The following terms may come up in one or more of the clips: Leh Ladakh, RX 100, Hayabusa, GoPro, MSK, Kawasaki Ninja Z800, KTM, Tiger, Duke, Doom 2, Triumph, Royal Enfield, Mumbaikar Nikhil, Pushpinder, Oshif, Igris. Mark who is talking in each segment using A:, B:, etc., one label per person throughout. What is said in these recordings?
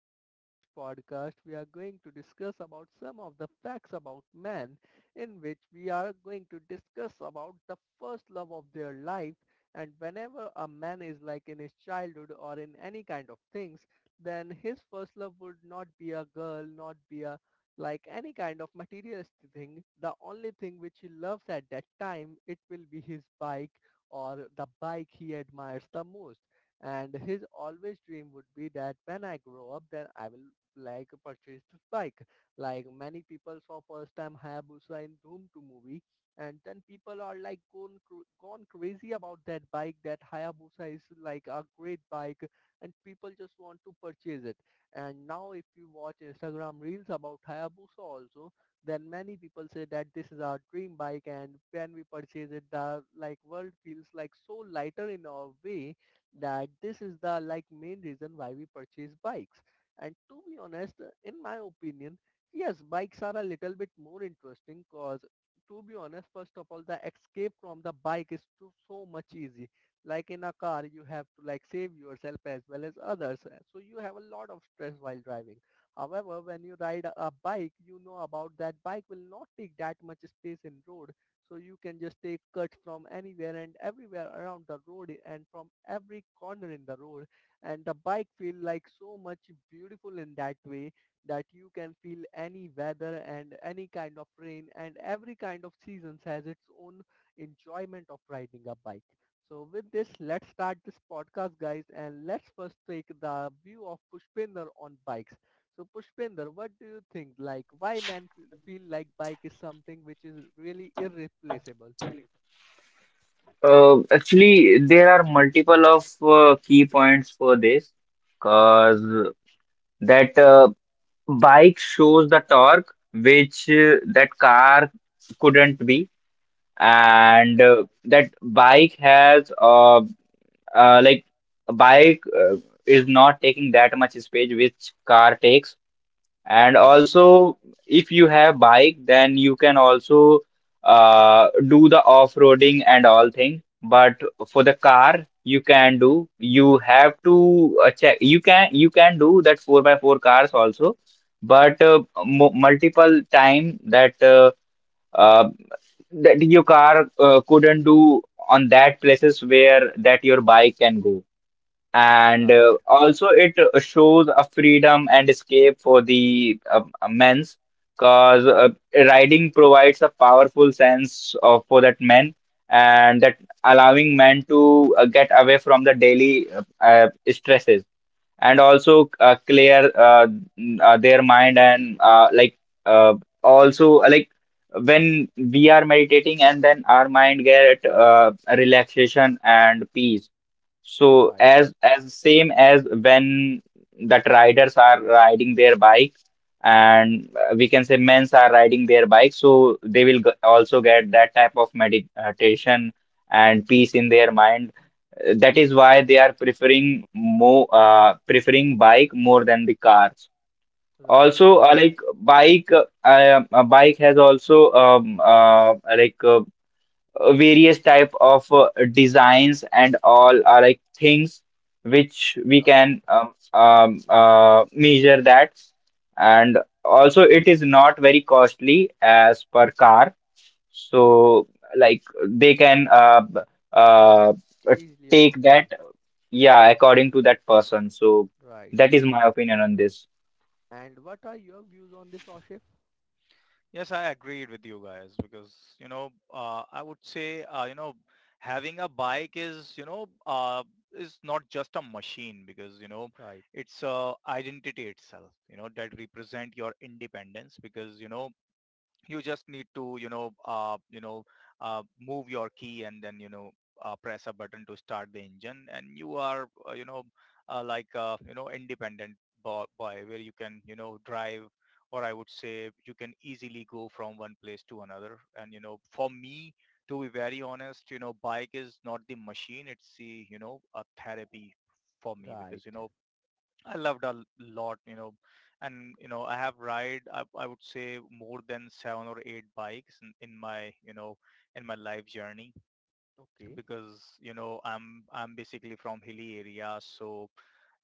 A: and in this podcast we are going to discuss about some of the facts about men in which we are going to discuss about the first love of their life and whenever a man is like in his childhood or in any kind of things then his first love would not be a girl, not be a like any kind of materialistic thing. The only thing which he loves at that time it will be his bike or the bike he admires the most and his always dream would be that when I grow up, then I will like purchase this bike. Like many people saw first time Hayabusa in Doom 2 movie, and then people are like gone crazy about that bike. That Hayabusa is like a great bike, and people just want to purchase it. And now, if you watch Instagram reels about Hayabusa also, then many people say that this is our dream bike, and when we purchase it, the like world feels like so lighter in our way that this is the like main reason why we purchase bikes. And to be honest, in my opinion, yes, bikes are a little bit more interesting because to be honest, first of all, the escape from the bike is too, so much easy. Like in a car, you have to like save yourself as well as others. So you have a lot of stress while driving. However, when you ride a bike, you know about that bike will not take that much space in road so you can just take cuts from anywhere and everywhere around the road and from every corner in the road. And the bike feel like so much beautiful in that way that you can feel any weather and any kind of rain and every kind of seasons has its own enjoyment of riding a bike. So with this, let's start this podcast, guys, and let's first take the view of Pushpinder on bikes. So Pushpinder, what do you think? Like, why feel like bike is something which is really irreplaceable?
B: Actually, there are multiple of key points for this
A: Okay,
B: because that bike shows the torque which that car couldn't be,
A: right,
B: and that bike has uh like a bike is not taking that much space which car takes. And
A: right,
B: also, if you have bike, then you can also do the off-roading and all thing. But for the car, you can do. You have to check. You can do that four by four cars also, but multiple time that uh, that your car couldn't do on that places where that your bike can go. And
A: right,
B: also it shows a freedom and escape for the men's, because riding provides a powerful sense of for that men, and that allowing men to get away from the daily stresses, and also clear their mind. And uh, also when we are meditating, and then our mind get relaxation and peace. So
A: right,
B: as same as when that riders are riding their bike, and we can say men's are riding their bike, so they will also get that type of meditation and peace in their mind. That is why they are preferring more preferring bike more than the cars.
A: right,
B: Also, bike has also various type of designs and all are like things which we
A: right,
B: can measure that. And also it is not very costly as per car,
A: right.
B: so like they can uh,
A: Easily
B: take
A: affordable.
B: that, yeah, according to that person. So
A: Right.
B: that is my opinion on this.
A: And what are your views on this, Oshif?
C: Yes, I agreed with you guys, because I would say, having a bike is, is not just a machine, because
A: Right,
C: it's a identity itself, that represent your independence. Because you just need to move your key, and then press a button to start the engine. And you are, like independent boy, where you can drive, or I would say you can easily go from one place to another. And for me, to be very honest, bike is not the machine, it's the, a therapy for me,
A: right.
C: because I loved a lot, and I have ride, I would say, more than seven or eight bikes in my, in my life journey.
A: Okay,
C: Because I'm basically from hilly area, so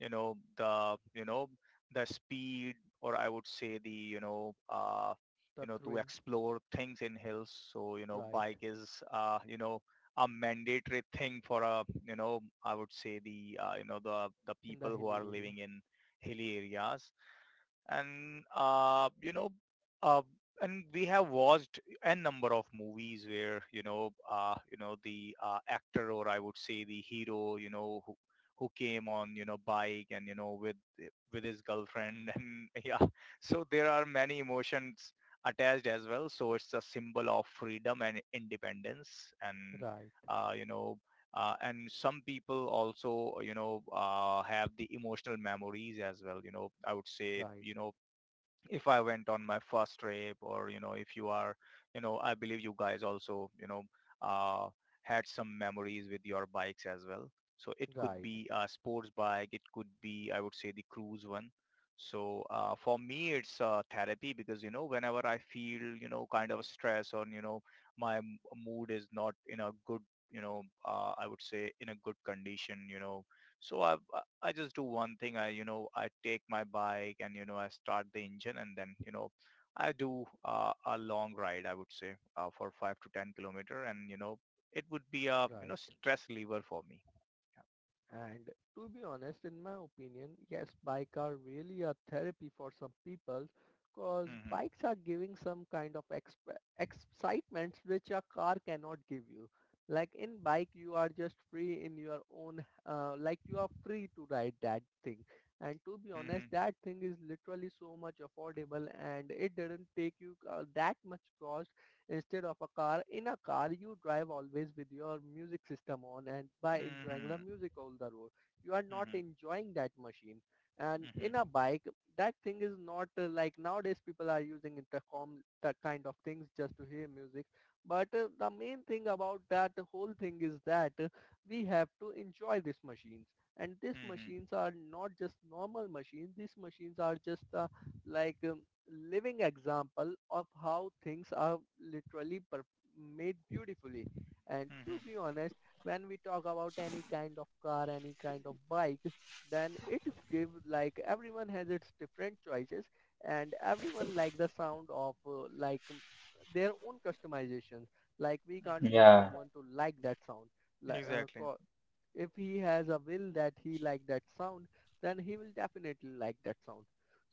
C: the you know the speed, or I would say the,
A: the
C: to
A: thrill.
C: explore things in hills. So
A: Right,
C: bike is, a mandatory thing for a, I would say, the, the
A: in the
C: people who
A: hilly
C: are
A: area.
C: living in hilly areas. And uh, you know uh, and we have watched a number of movies where, the, actor, or I would say the hero, who came on, bike, and with his girlfriend and yeah, so there are many emotions attached as well. So it's a symbol of freedom and independence. and
A: Right,
C: uh, you know uh, and some people also, have the emotional memories as well. I would say,
A: right,
C: if I went on my first trip, or, if you are, I believe you guys also, uh, had some memories with your bikes as well. So it could
A: right,
C: be a sports bike. It could be, I would say, the cruise one. So, for me, it's therapy, because, whenever I feel, kind of stress, or, my mood is not in a good, I would say, in a good condition, so I just do one thing. I you know I take my bike, and I start the engine, and then I do a long ride. I would say, for 5 to 10 kilometer, and it would be a,
A: right.
C: stress lever for me.
A: And to be honest, in my opinion, yes, bike are really a therapy for some people because
C: Mhm,
A: bikes are giving some kind of excitements which a car cannot give you. Like in bike, you are just free in your own, like you are free to ride that thing. And to be honest,
C: mhm,
A: that thing is literally so much affordable and it didn't take you that much cost instead of a car. In a car, you drive always with your music system on and by enjoying the
C: mhm,
A: music all the road. You are not
C: mhm,
A: enjoying that machine. And
C: mhm,
A: in a bike, that thing is not like nowadays people are using intercom that kind of things just to hear music. But the main thing about that whole thing is that we have to enjoy these machines. And these
C: mhm,
A: machines are not just normal machines. These machines are just like living example of how things are literally made beautifully. And to
C: mhm,
A: be honest, when we talk about any kind of car, any kind of bike, then it give like everyone has its different choices and everyone like the sound of like their own customizations. Like we can't
C: mhm.
A: force
B: Yeah.
A: someone to like that sound. Like, uh,
C: Exactly.
A: co- if he has a will that he like that sound, then he will definitely like that sound.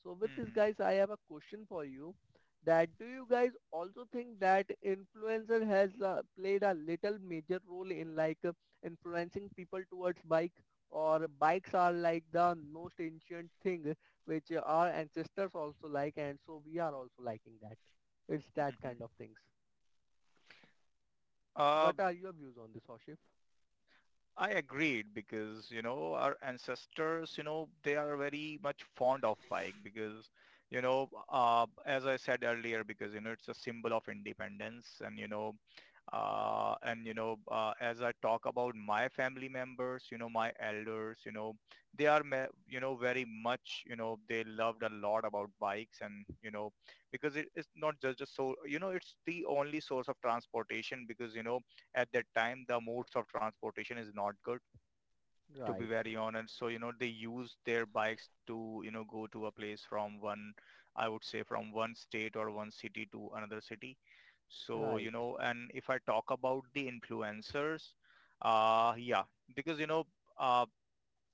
A: So with this
C: Mm-hmm,
A: guys, I have a question for you that do you guys also think that influencer has played a little major role in like influencing people towards bike or bikes are like the most ancient thing which our ancestors also like and so we are also liking that. It's that
C: mm-hmm.
A: kind of things.
C: Uh,
A: What are your views on this, Hoshif?
C: I agreed, because, our ancestors, they are very much fond of bike, because, as I said earlier, because, it's a symbol of independence. And as I talk about my family members, my elders, they are, very much, they loved a lot about bikes, and, because it's not just a so, it's the only source of transportation, because, at that time the modes of transportation is not good, to be
A: Right,
C: very honest. So they use their bikes to, go to a place from one, I would say, from one state or one city to another city. So,
A: right,
C: and if I talk about the influencers, yeah, because uh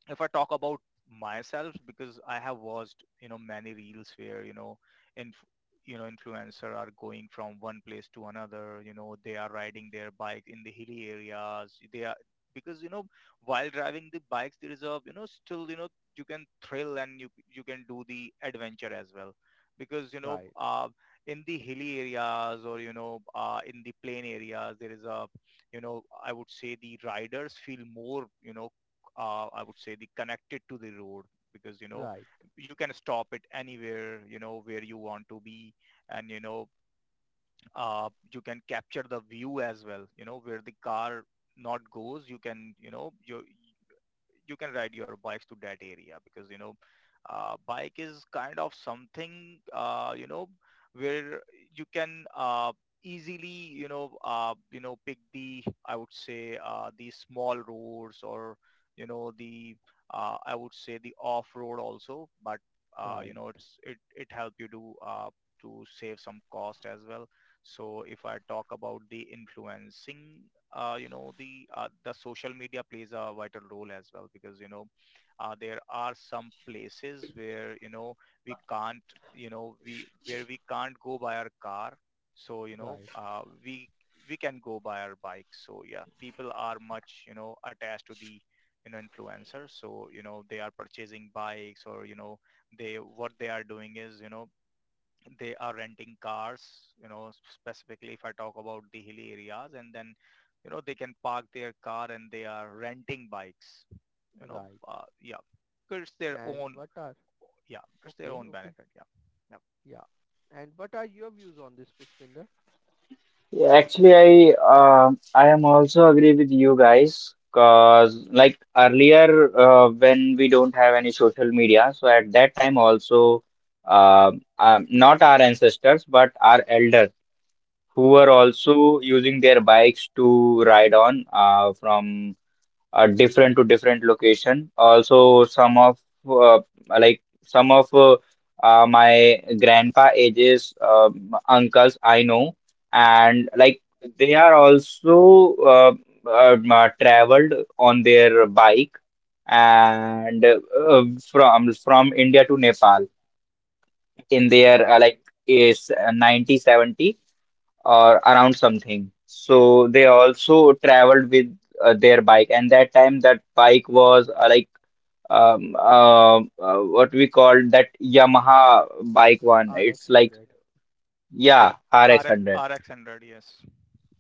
C: if I talk about myself, because I have watched, many reels where, inf- influencer are going from one place to another, they are riding their bike in the hilly areas. They are, because, while driving the bikes, there is a, still, you can thrill, and you can do the adventure as well, because,
A: right,
C: in the hilly areas, or, in the plain areas, there is a, I would say, the riders feel more, I would say, the connected to the road, because
A: right.
C: you can stop it anywhere, where you want to be, and you can capture the view as well, where the car not goes. You can, you can ride your bikes to that area, because bike is kind of something, where you can, easily, pick the, I would say, the small roads, or the, I would say, the off road also, but
A: Right,
C: it help you to, to save some cost as well. So if I talk about the influencing, the, the social media plays a vital role as well, because there are some places where, we can't you know we where we can't go by our car. So
A: right,
C: we can go by our bike. So yeah, people are much, attached to the, influencer, so they are purchasing bikes, or they, what they are doing is, they are renting cars, specifically if I talk about the hilly areas, and then, they can park their car and they are renting bikes, you know,
A: right.
C: yeah. 'Cause it's their
A: And
C: own,
A: what are,
C: yeah, it's their
A: okay,
C: own
A: okay,
C: benefit. Yeah. Yep.
A: yeah. And what are your views on this, Pushpinder?
B: Yeah, actually, I am also agree with you guys, because like earlier when we don't have any social media, so at that time also uh, not our ancestors but our elders who were
A: Okay,
B: also using their bikes to ride on from different to different location. Also, some of uh, like some of uh, my grandpa ages uncles I know, and
A: okay,
B: like they are also traveled on their bike, and from India to Nepal in
A: okay.
B: their like is 90s or around something. So they also traveled with their bike, and that time that bike was what we called that Yamaha bike one. It's
A: RX
B: like,
A: 100,
B: yeah, RX
C: RX,
B: hundred.
C: RX 100, yes.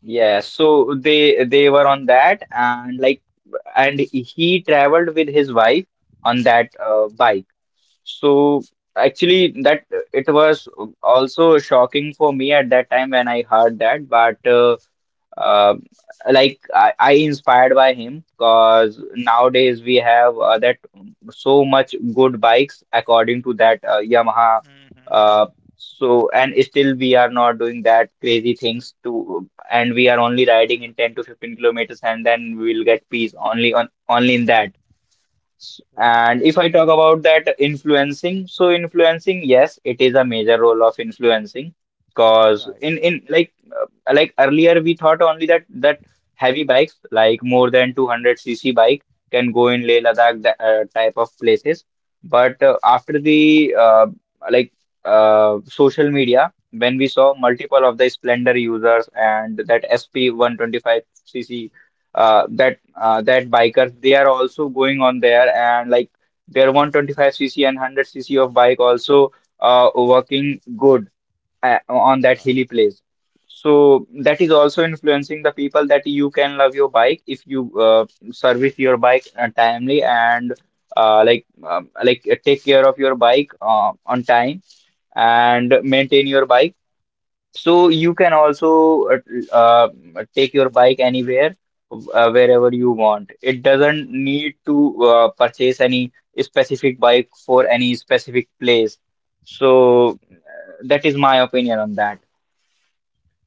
B: Yeah,
A: okay.
B: so they were on that. And like and he traveled with his wife on that bike. So actually that it was also shocking for me at that time when I heard that, but uh, like I inspired by him, because nowadays we have that so much good bikes according to that Yamaha. Uh,
C: Mm-hmm.
B: so and still we are not doing that crazy things to, and we are only riding in 10 to 15 kilometers, and then we will get peace only on only in that.
A: Right,
B: And if I talk about that influencing, so influencing, yes, it is a major role of influencing, because
A: right,
B: in uh, like earlier we thought only that that heavy bikes like more than 200 cc bike can go in Leh Ladakh that type of places. But after the like social media, when we saw multiple of the Splendor users and that SP 125 cc, that bikers, they are also going on there. And like their 125 cc and 100 cc of bike also working good on that hilly
A: right,
B: place. So that is also influencing the people that you can love your bike if you service your bike timely and take care of your bike on time and maintain your bike. So you can also uh, take your bike anywhere, wherever you want. It doesn't need to purchase any specific bike for any specific place.
A: right.
B: So
C: Mm-hmm.
B: that is my opinion on that.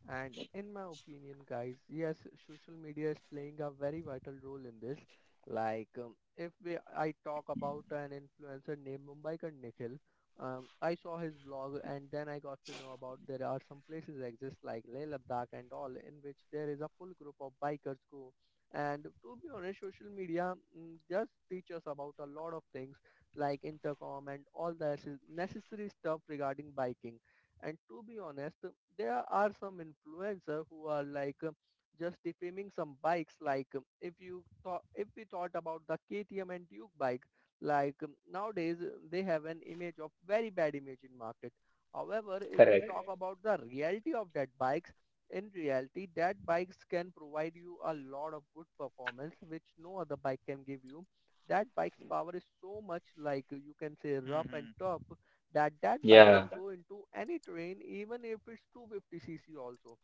A: And in my opinion, guys, yes, social media is playing a very vital role in this. Like, if we, I talk about an influencer named Mumbaikar Nikhil, I saw his vlog and then I got to know about there are some places exist like Leh Ladakh and all in which there is a full group of bikers go. And to be honest, social media does teach us about a lot of things like intercom and all the necessary stuff regarding biking and to be honest, there are some influencer who are like just defaming some bikes. Like if you thought, if we thought about the KTM and Duke bike, like nowadays they have an image of very bad image in market. However, if we
B: Correct.
A: talk about the reality of that bikes, in reality, that bikes can provide you a lot of good performance, which no other bike can give you. That bike's power is so much like you can say rough and
C: Mm-hmm.
A: tough that that bike
B: Yeah,
A: can go into any terrain even if it's 250 cc also.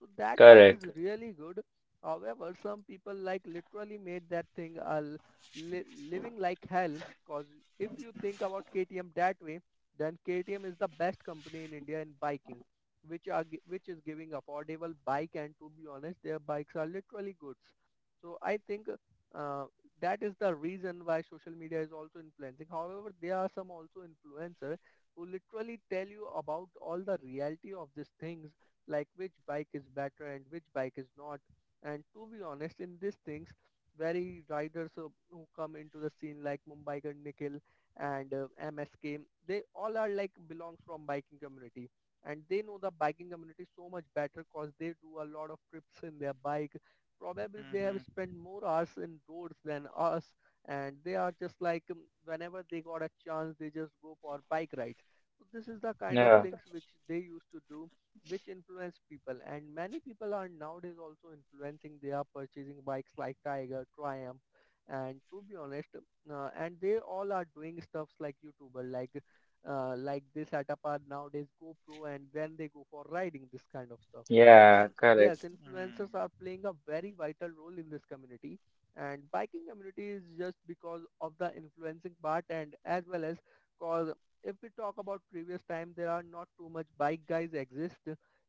A: So that bike is
B: correct.
A: really good. However, some people like literally made that thing a li- living like hell because if you think about KTM that way, then KTM is the best company in India in biking, which are which is giving affordable bike and to be honest, their bikes are literally goods. So I think uh, that is the reason why social media is also influencing. However, there are some also influencer who literally tell you about all the reality of these things, like which bike is better and which bike is not. And to be honest, in these things, very riders who come into the scene like Mumbai Nikhil and MSK, they all are like belongs from biking community and they know the biking community so much better cause they do a lot of trips in their bike. Probably they have
C: Mm-hmm.
A: spent more hours in roads than us and they are just like whenever they got a chance they just go for bike rides so this is the kind of
B: Yeah,
A: things which they used to do, which influence people. And many people are nowadays also influencing. They are purchasing bikes like Tiger, Triumph, and to be honest, and they all are doing stuffs like YouTuber, like they set up are nowadays GoPro, and then they go for riding this kind of stuff. So
B: yeah,
A: yes,
B: correct.
A: influencers are
C: Mm-hmm.
A: playing a very vital role in this community and biking community is just because of the influencing part and as well as cause if we talk about previous time, there are not too much bike guys exist.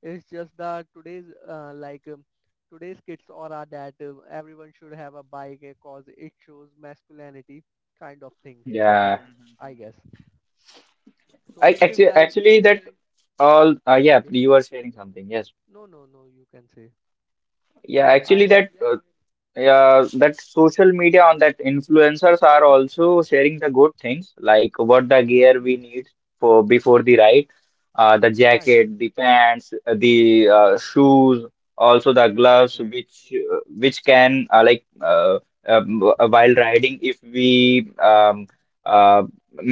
A: It's just that today's like today's kids aura that everyone should have a bike because it shows masculinity kind of thing. I
B: Yeah.
C: Mm-hmm.
A: I guess.
C: Mm-hmm.
A: So
B: I
A: with this
B: actually
A: guy,
B: actually that all, yeah,
A: okay.
B: you are sharing something. Yes.
A: No, no, no. You can say.
B: Yeah,
A: Yeah,
B: actually
A: I'm
B: that yeah, that social media on that influencers are also sharing the good things, like what the
A: right,
B: gear we need for before the ride, the
A: right,
B: jacket, the pants, the shoes, also the gloves,
C: Exactly.
B: which can while riding if we uh,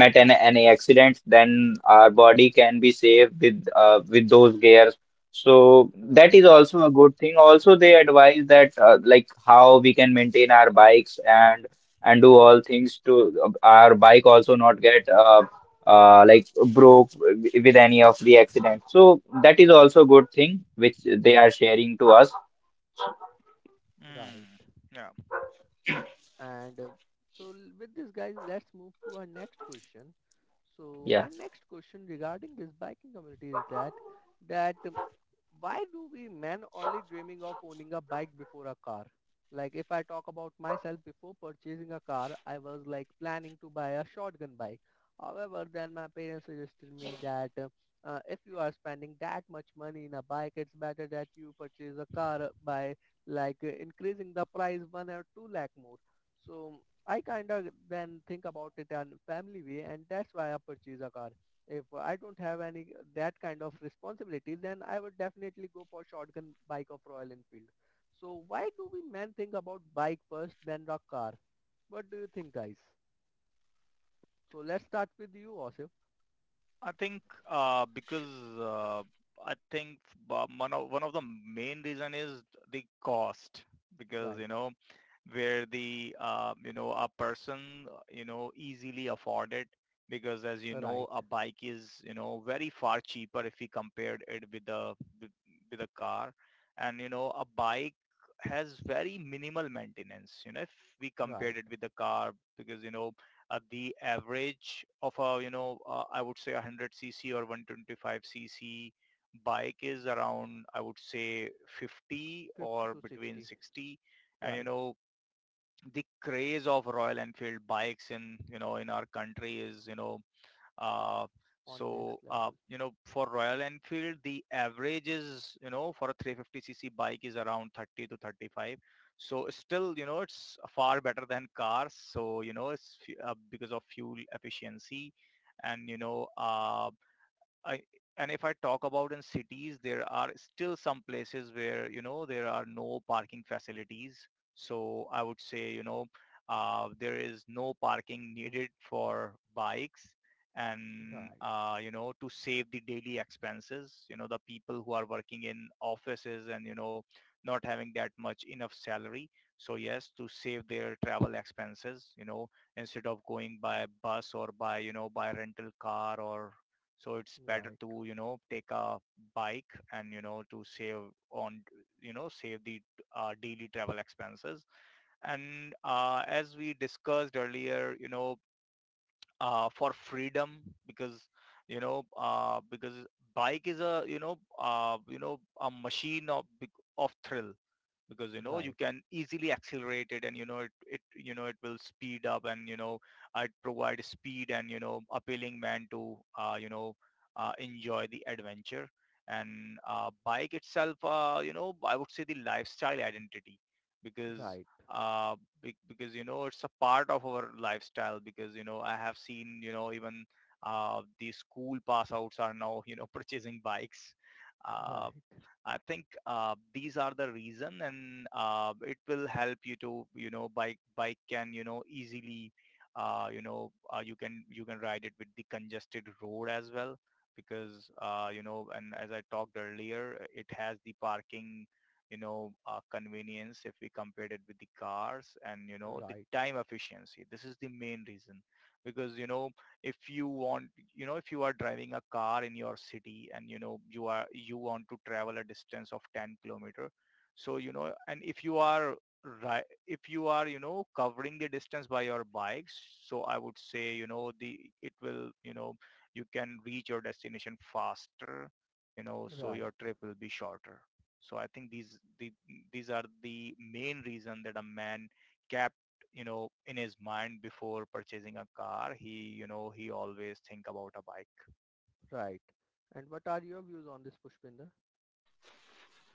B: met an any accident, then our body can be safe with those gear. So that
A: right,
B: is also a good thing. Also, they advise that like how we can maintain our bikes, and do all things to our bike also not get uh, like broke with any of the accident. So that is also a good thing which they are sharing to us.
A: right.
C: Mm. Yeah.
A: And so with this guys, let's move to our next question. So
B: Yeah,
A: my next question regarding this biking community is that that why do we men only dreaming of owning a bike before a car? Like if I talk about myself before purchasing a car, I was like planning to buy a shotgun bike. However, then my parents suggested me that if you are spending that much money in a bike, it's better that you purchase a car by like increasing the price 1 or 2 lakh more. So I kind of then think about it in family way and that's why I purchase a car. If I don't have any that kind of responsibility, then I would definitely go for shotgun bike of Royal Enfield. So why do we men think about bike first, then the car? What do you think, guys? So let's start with you, Osif.
C: I think, because, uh, I think, one of the main reason is the cost, because
A: Right,
C: where the, a person, easily afford it, because as you
A: right,
C: know a bike is, very far cheaper if you compared it with a car. And a bike has very minimal maintenance, if we
A: right.
C: compared it with the car, because the average of a, I would say, 100 cc or 125 cc bike is around, I would say, 50
A: 50
C: or
A: to
C: between
A: 60.
C: 60. And
A: Right.
C: the craze of Royal Enfield bikes in, in our country is, uh,
A: On next
C: so,
A: level.
C: for Royal Enfield the average is, for a 350 cc bike, is around 30 to 35. So still, it's far better than cars. So it's, because of fuel efficiency. And I and if I talk about in cities, there are still some places where, there are no parking facilities. So I would say, there is no parking needed for bikes, and
A: Right,
C: to save the daily expenses. The people who are working in offices and, not having that much enough salary. So yes, to save their travel expenses, instead of going by bus, or by you know by rental car, or so it's better
A: right,
C: to, take a bike, and to save on, save the, daily travel expenses. And as we discussed earlier, for freedom, because because bike is a, a machine of thrill, because you
A: right,
C: can easily accelerate it, and it, it you know it will speed up, and it provide speed, and appealing man to, enjoy the adventure. And bike itself, I would say, the lifestyle identity, because
A: right,
C: uh, because it's a part of our lifestyle, because I have seen, even, the school pass outs are now, purchasing bikes. uh,
A: right,
C: I think, these are the reason, and it will help you to, bike can, easily, you can ride it with the congested road as well, because and as I talked earlier, it has the parking, convenience if we compared it with the cars, and the
A: right,
C: time efficiency. This is the main reason. Because if you want, if you are driving a car in your city, and you want to travel a distance of 10 kilometer, so and if you are, right, if you are covering the distance by your bikes, so I would say, the it will you can reach your destination faster. So your
A: right,
C: trip will be shorter. So I think these are the main reason that a man kept, in his mind, before purchasing a car. He you know he always think about a bike.
A: right. And what are your views on this, Pushpinder?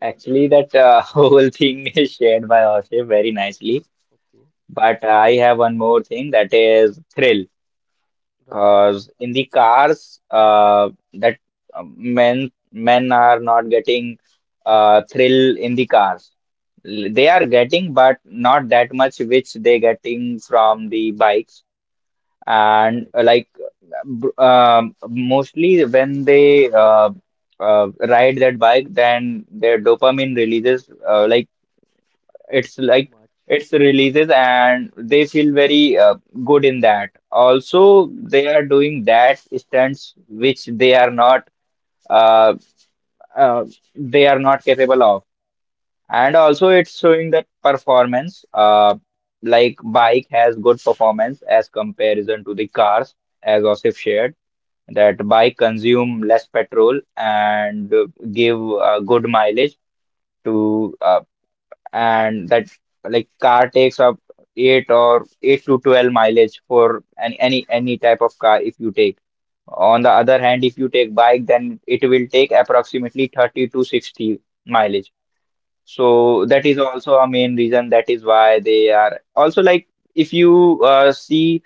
B: actually that whole thing is shared by Oshay very nicely.
A: Okay.
B: But I have one more thing, that is thrill.
A: Right,
B: Because in the cars, that men are not getting thrill in the cars. They are getting, but not that much which they getting from the bikes. And
A: right.
B: mostly when they ride that bike, then their dopamine releases. It's
A: Too
B: like
A: much.
B: it's releases, and they feel very good in that.
A: Right,
B: Also, they are doing that stunts which uh, uh, they are not capable of. And also,
A: right,
B: it's showing that performance. Like bike has good performance as comparison to the cars, as Osif shared. That bike consume less petrol and give good mileage to
A: right,
B: and that like car takes up 8 or 8 to 12 mileage for any any type of car if you take. On the other hand, if you take bike, then it will take approximately 30 to 60 mileage. So
A: right,
B: that is also a main reason, that is why they are also like, if you see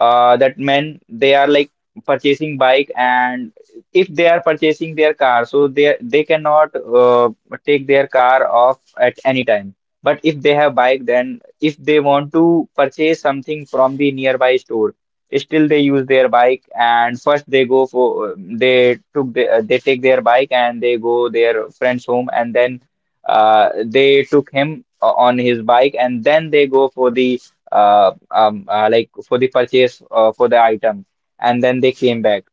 B: that men, they are like purchasing bike. And if they are purchasing their car, so they cannot take their car off at any time. But if they have bike, then if they want to purchase something from the nearby store, still they use their bike. And first they go for they took the, they take their bike, and they go their friend's home, and then they took him on his bike, and then they go for the like for the purchase for the item, and then they came
A: right,
B: back.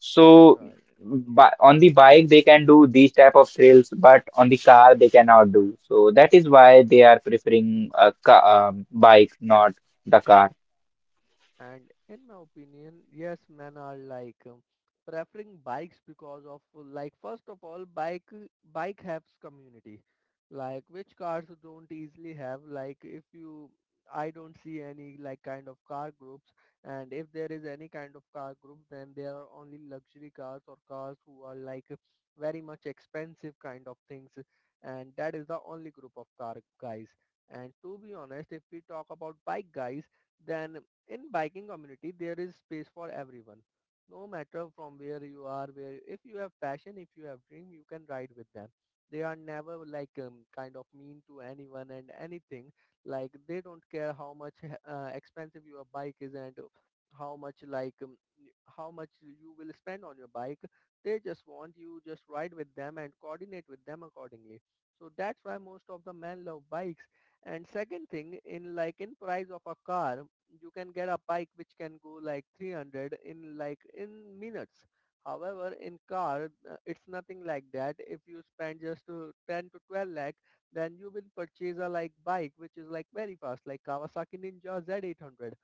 B: So,
A: right.
B: but on the bike they can do these type of thrills, but on the car they cannot do. So that is why they are preferring a ca bike, not the car.
A: And in my opinion, yes, men are like preferring bikes because of like first of all, bike helps community, like which cars don't easily have. Like if you, I don't see any like kind of car groups, and if there is any kind of car group, then there are only luxury cars or cars who are like very much expensive kind of things, and that is the only group of car guys. And to be honest, if we talk about bike guys then in biking community there is space for everyone, no matter from where you are. Where if you have passion, if you have dream, you can ride with them. They are never like kind of mean to anyone and anything. Like they don't care how much expensive your bike is and how much like how much you will spend on your bike. They just want you just ride with them and coordinate with them accordingly. So that's why most of the men love bikes. And second thing, in like in price of a car, you can get a bike which can go like 300 in like in minutes. However, in car, it's nothing like that. If you spend just to 10 to 12 lakh, then you will purchase a like bike which is like very fast, like Kawasaki Ninja Z800.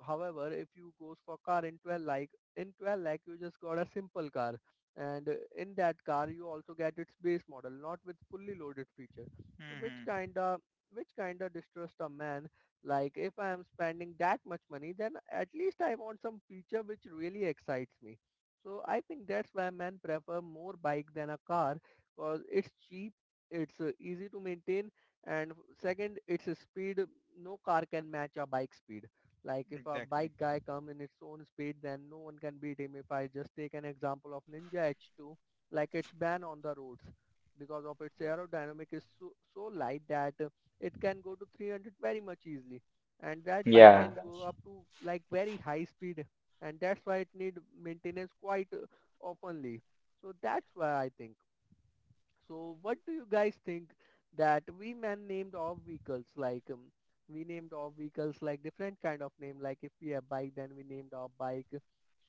A: However, if you goes for car in 12 lakh, in 12 lakh you just got a simple car, and in that car you also get its base model, not with fully loaded feature. So which
C: Mm-hmm.
A: kinda which kinda distrust a man. Like if I am spending that much money, then at least I want some feature which really excites me. So I think that's why men prefer more bike than a car, because it's cheap, it's easy to maintain, and second, it's a speed. No car can match a bike speed. Like if a
C: Exactly.
A: bike guy come in its own speed, then no one can beat him. If I just take an example of Ninja H2, like it's banned on the roads because of its aerodynamic is so, so light that it can go to 300 very much easily, and that bike
B: Yeah,
A: can go up to like very high speed, and that's why it need maintenance quite oftenly. So that's why I think, so what do you guys think that we man named our vehicles like we named our vehicles like different kind of name. Like if we have bike then we named our bike.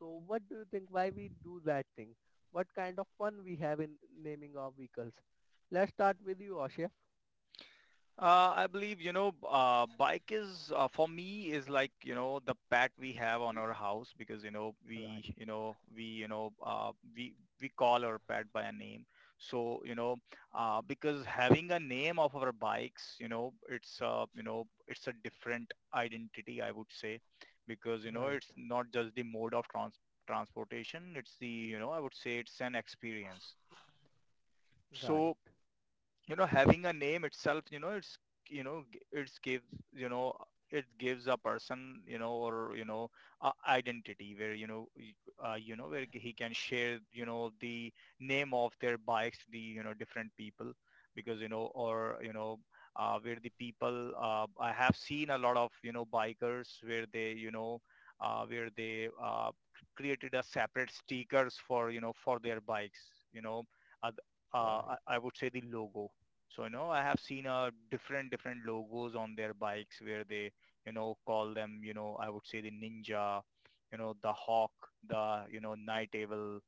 A: So what do you think, why we do that thing, what kind of fun we have in naming our vehicles? Let's start with you, Ashif.
C: I believe, bike, is for me, is like, the pet we have on our house, because,
A: Right,
C: we, we call our pet by a name. So, because having a name of our bikes, it's a different identity, I would say, because,
A: right.
C: it's not just the mode of transportation. It's I would say, it's an experience.
A: Right,
C: So, having a name itself, you know it's you know g- it's gives, you know it gives a person, you know or you know a identity where, where he can share, the name of their bikes to the, different people. Because you know or you know where the people, I have seen a lot of bikers, where they, where they, created a separate stickers for, for their bikes, you know uh, I
A: right,
C: I would say, the logo. So, I have seen different logos on their bikes, where they, call them, I would say, the Ninja, the Hawk, the, Night Owl,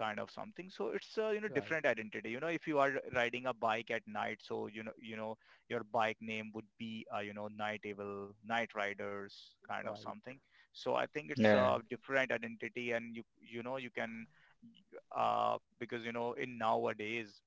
C: kind of something. So it's a,
A: right,
C: different identity. If you are riding a bike at night, so, your bike name would be, Night Owl, Night Riders, kind of
A: right,
C: something. So I think it's
B: yeah,
C: a different identity, and you can, because, in nowadays,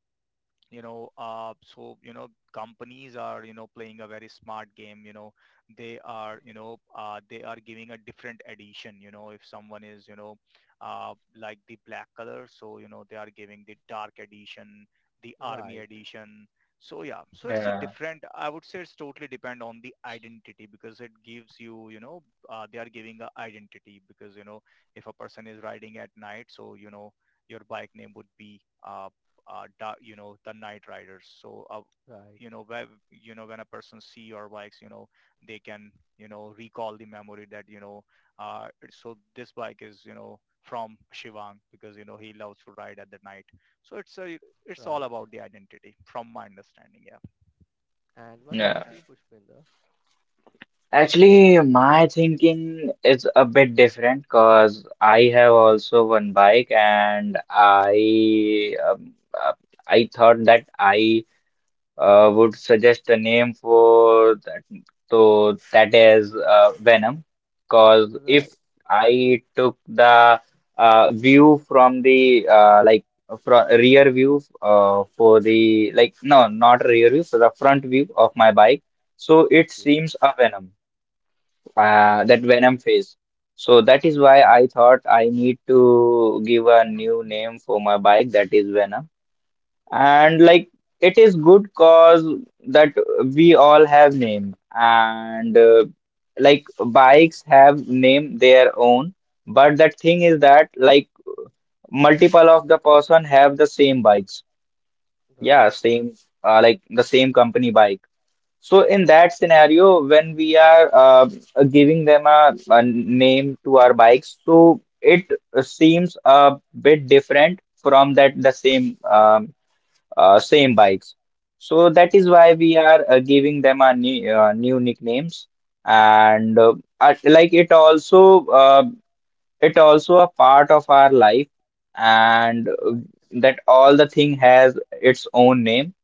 C: so companies are playing a very smart game. They are giving a different edition. If someone is, like the black color, so they are giving the dark edition, the army
A: right,
C: edition. So yeah, so it's a
B: yeah,
C: different, I would say, it's totally depend on the identity because it gives you. You know uh, they are giving a identity, because if a person is riding at night, so your bike name would be uh, uh, the night riders. So,
A: right,
C: when a person see your bikes, they can, recall the memory that, so this bike is, from Shivang, because, he loves to ride at the night. So it's all
A: right.
C: about the identity, from my understanding. Yeah.
A: And what
B: yeah.
A: about you, Pushpinda?
B: Actually, my thinking is a bit different, because I have also one bike, and uh, I thought that I would suggest a name for that. So that is Venom. Because if
A: Right,
B: I took the view from the from rear view, for the, like, no, not rear view, for the front view of my bike, so it
A: okay,
B: seems a Venom,
A: okay,
B: that Venom face. So that is why I thought I need to give a new name for my bike, that is Venom.
A: okay,
B: And like it is good cause that we all have name, and like bikes have name their own. But the thing is that like multiple of the person have the same bikes,
A: right,
B: yeah, same like the same company bike. So in that scenario, when we are giving them a name to our bikes, so it seems a bit different from that the same same bikes. So that is
A: right,
B: why we are giving them a new, new nicknames. And like it also a part of our life. And
A: right,
B: that all the thing has its own name.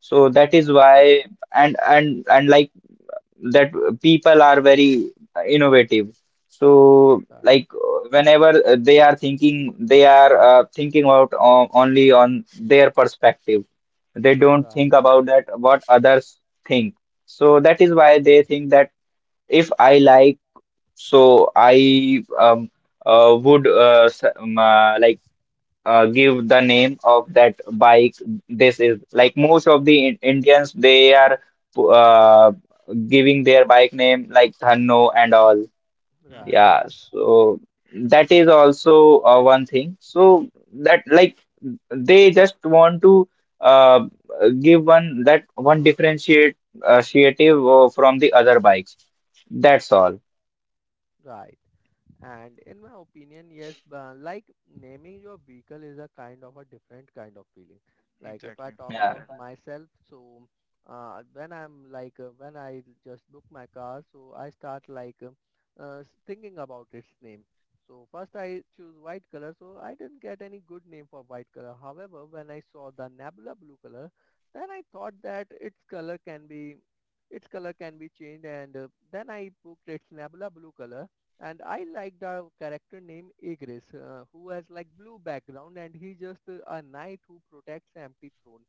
B: So that is
A: right,
B: why, and and like that people are very innovative. So, like
A: right,
B: whenever they are thinking about only on their perspective. They don't think
A: right,
B: about that what others think. So that is why they think that if I like, so I would like give the name of that bike. This is like most of the Indians, they are uh, giving their bike name like Thanno and all.
A: right,
C: Mm-hmm.
B: Yeah,
A: right,
B: so that is also one thing. So that like they just want to uh, give one that one differentiate associative from the other bikes. That's all.
A: right. And in my opinion, yes, but like naming your vehicle is a kind of a different kind of feeling. Like if I
C: Exactly.
A: talk
B: Yeah.
A: about myself, so when I'm like when I just book my car, so I start like thinking about its name. So first I choose white color, so I didn't get any good name for white color. However, when I saw the Nebula blue color, then I thought that its color can be, its color can be changed, and then I booked its Nebula blue color. And I like the character name Igris, who has like blue background, and he's just a knight who protects empty throne.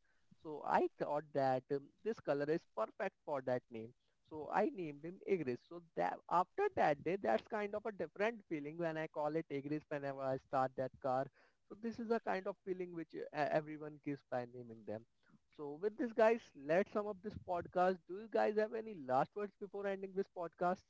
A: So I thought that this color is perfect for that name. So I named him Igris. So that after that day, that's kind of a different feeling when I call it Igris whenever I start that car. So this is a kind of feeling which everyone gives by naming them. So with this, guys, let's sum up this podcast. Do you guys have any last words before ending this podcast?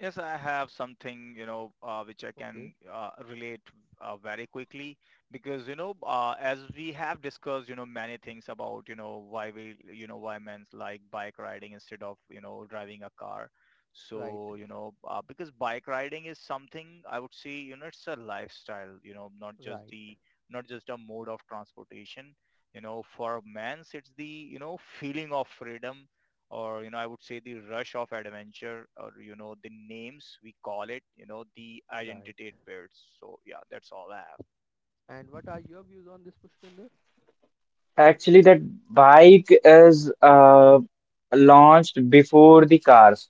C: Yes, I have something, which I
A: Okay,
C: can relate very quickly. Because, as we have discussed, many things about, why we, you know, why men like bike riding instead of, driving a car.
A: right.
C: So, because bike riding is something, I would say, it's a lifestyle,
A: Right,
C: not just a mode of transportation. For men, it's the, feeling of freedom, or I would say the rush of adventure, or the names we call it, the
A: right.
C: identity it builds. So yeah, that's all I have.
A: And what are your views on this, Pushpinder?
B: Actually, that bike is launched before the cars.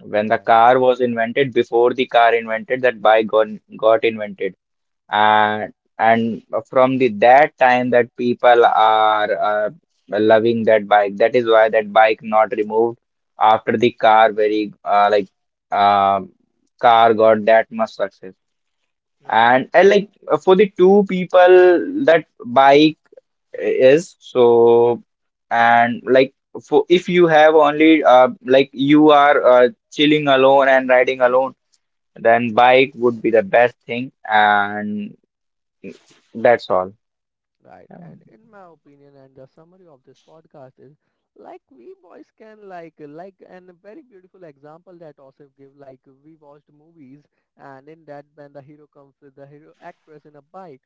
B: When the
A: Right,
B: car was invented, before the car invented, that bike got invented. And from the that time that people are uh, loving that bike. That is why that bike not removed after the car very uh, car got that much success.
A: right.
B: And, like for the two people that bike is so. And like for if you have only like you are chilling alone and riding alone, then bike would be the best thing. And that's all.
A: Right.
B: Yeah.
A: And in my opinion and the summary of this podcast is, like we boys can like, and a very beautiful example that Osif give, like we watched movies, and in that when the hero comes with the hero actress in a bike.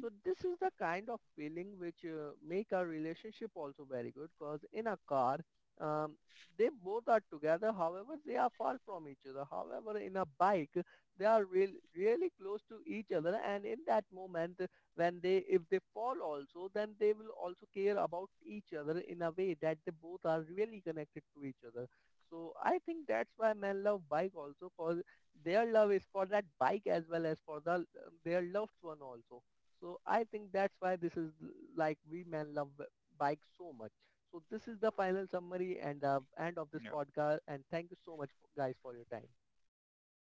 A: So this is the kind of feeling which make our relationship also very good, because in a car um, they both are together, however they are far from each other. However in a bike they are really close to each other, and in that moment when they if they fall also, then they will also care about each other in a way that they both are really connected to each other. So I think that's why men love bike also, cause their love is for that bike as well as for the their loved one also. So I think that's why this is, like we men love bike so much. So this is the final summary, and end of this
C: Yeah,
A: podcast, and thank you so much, guys, for your time.
C: thank you, so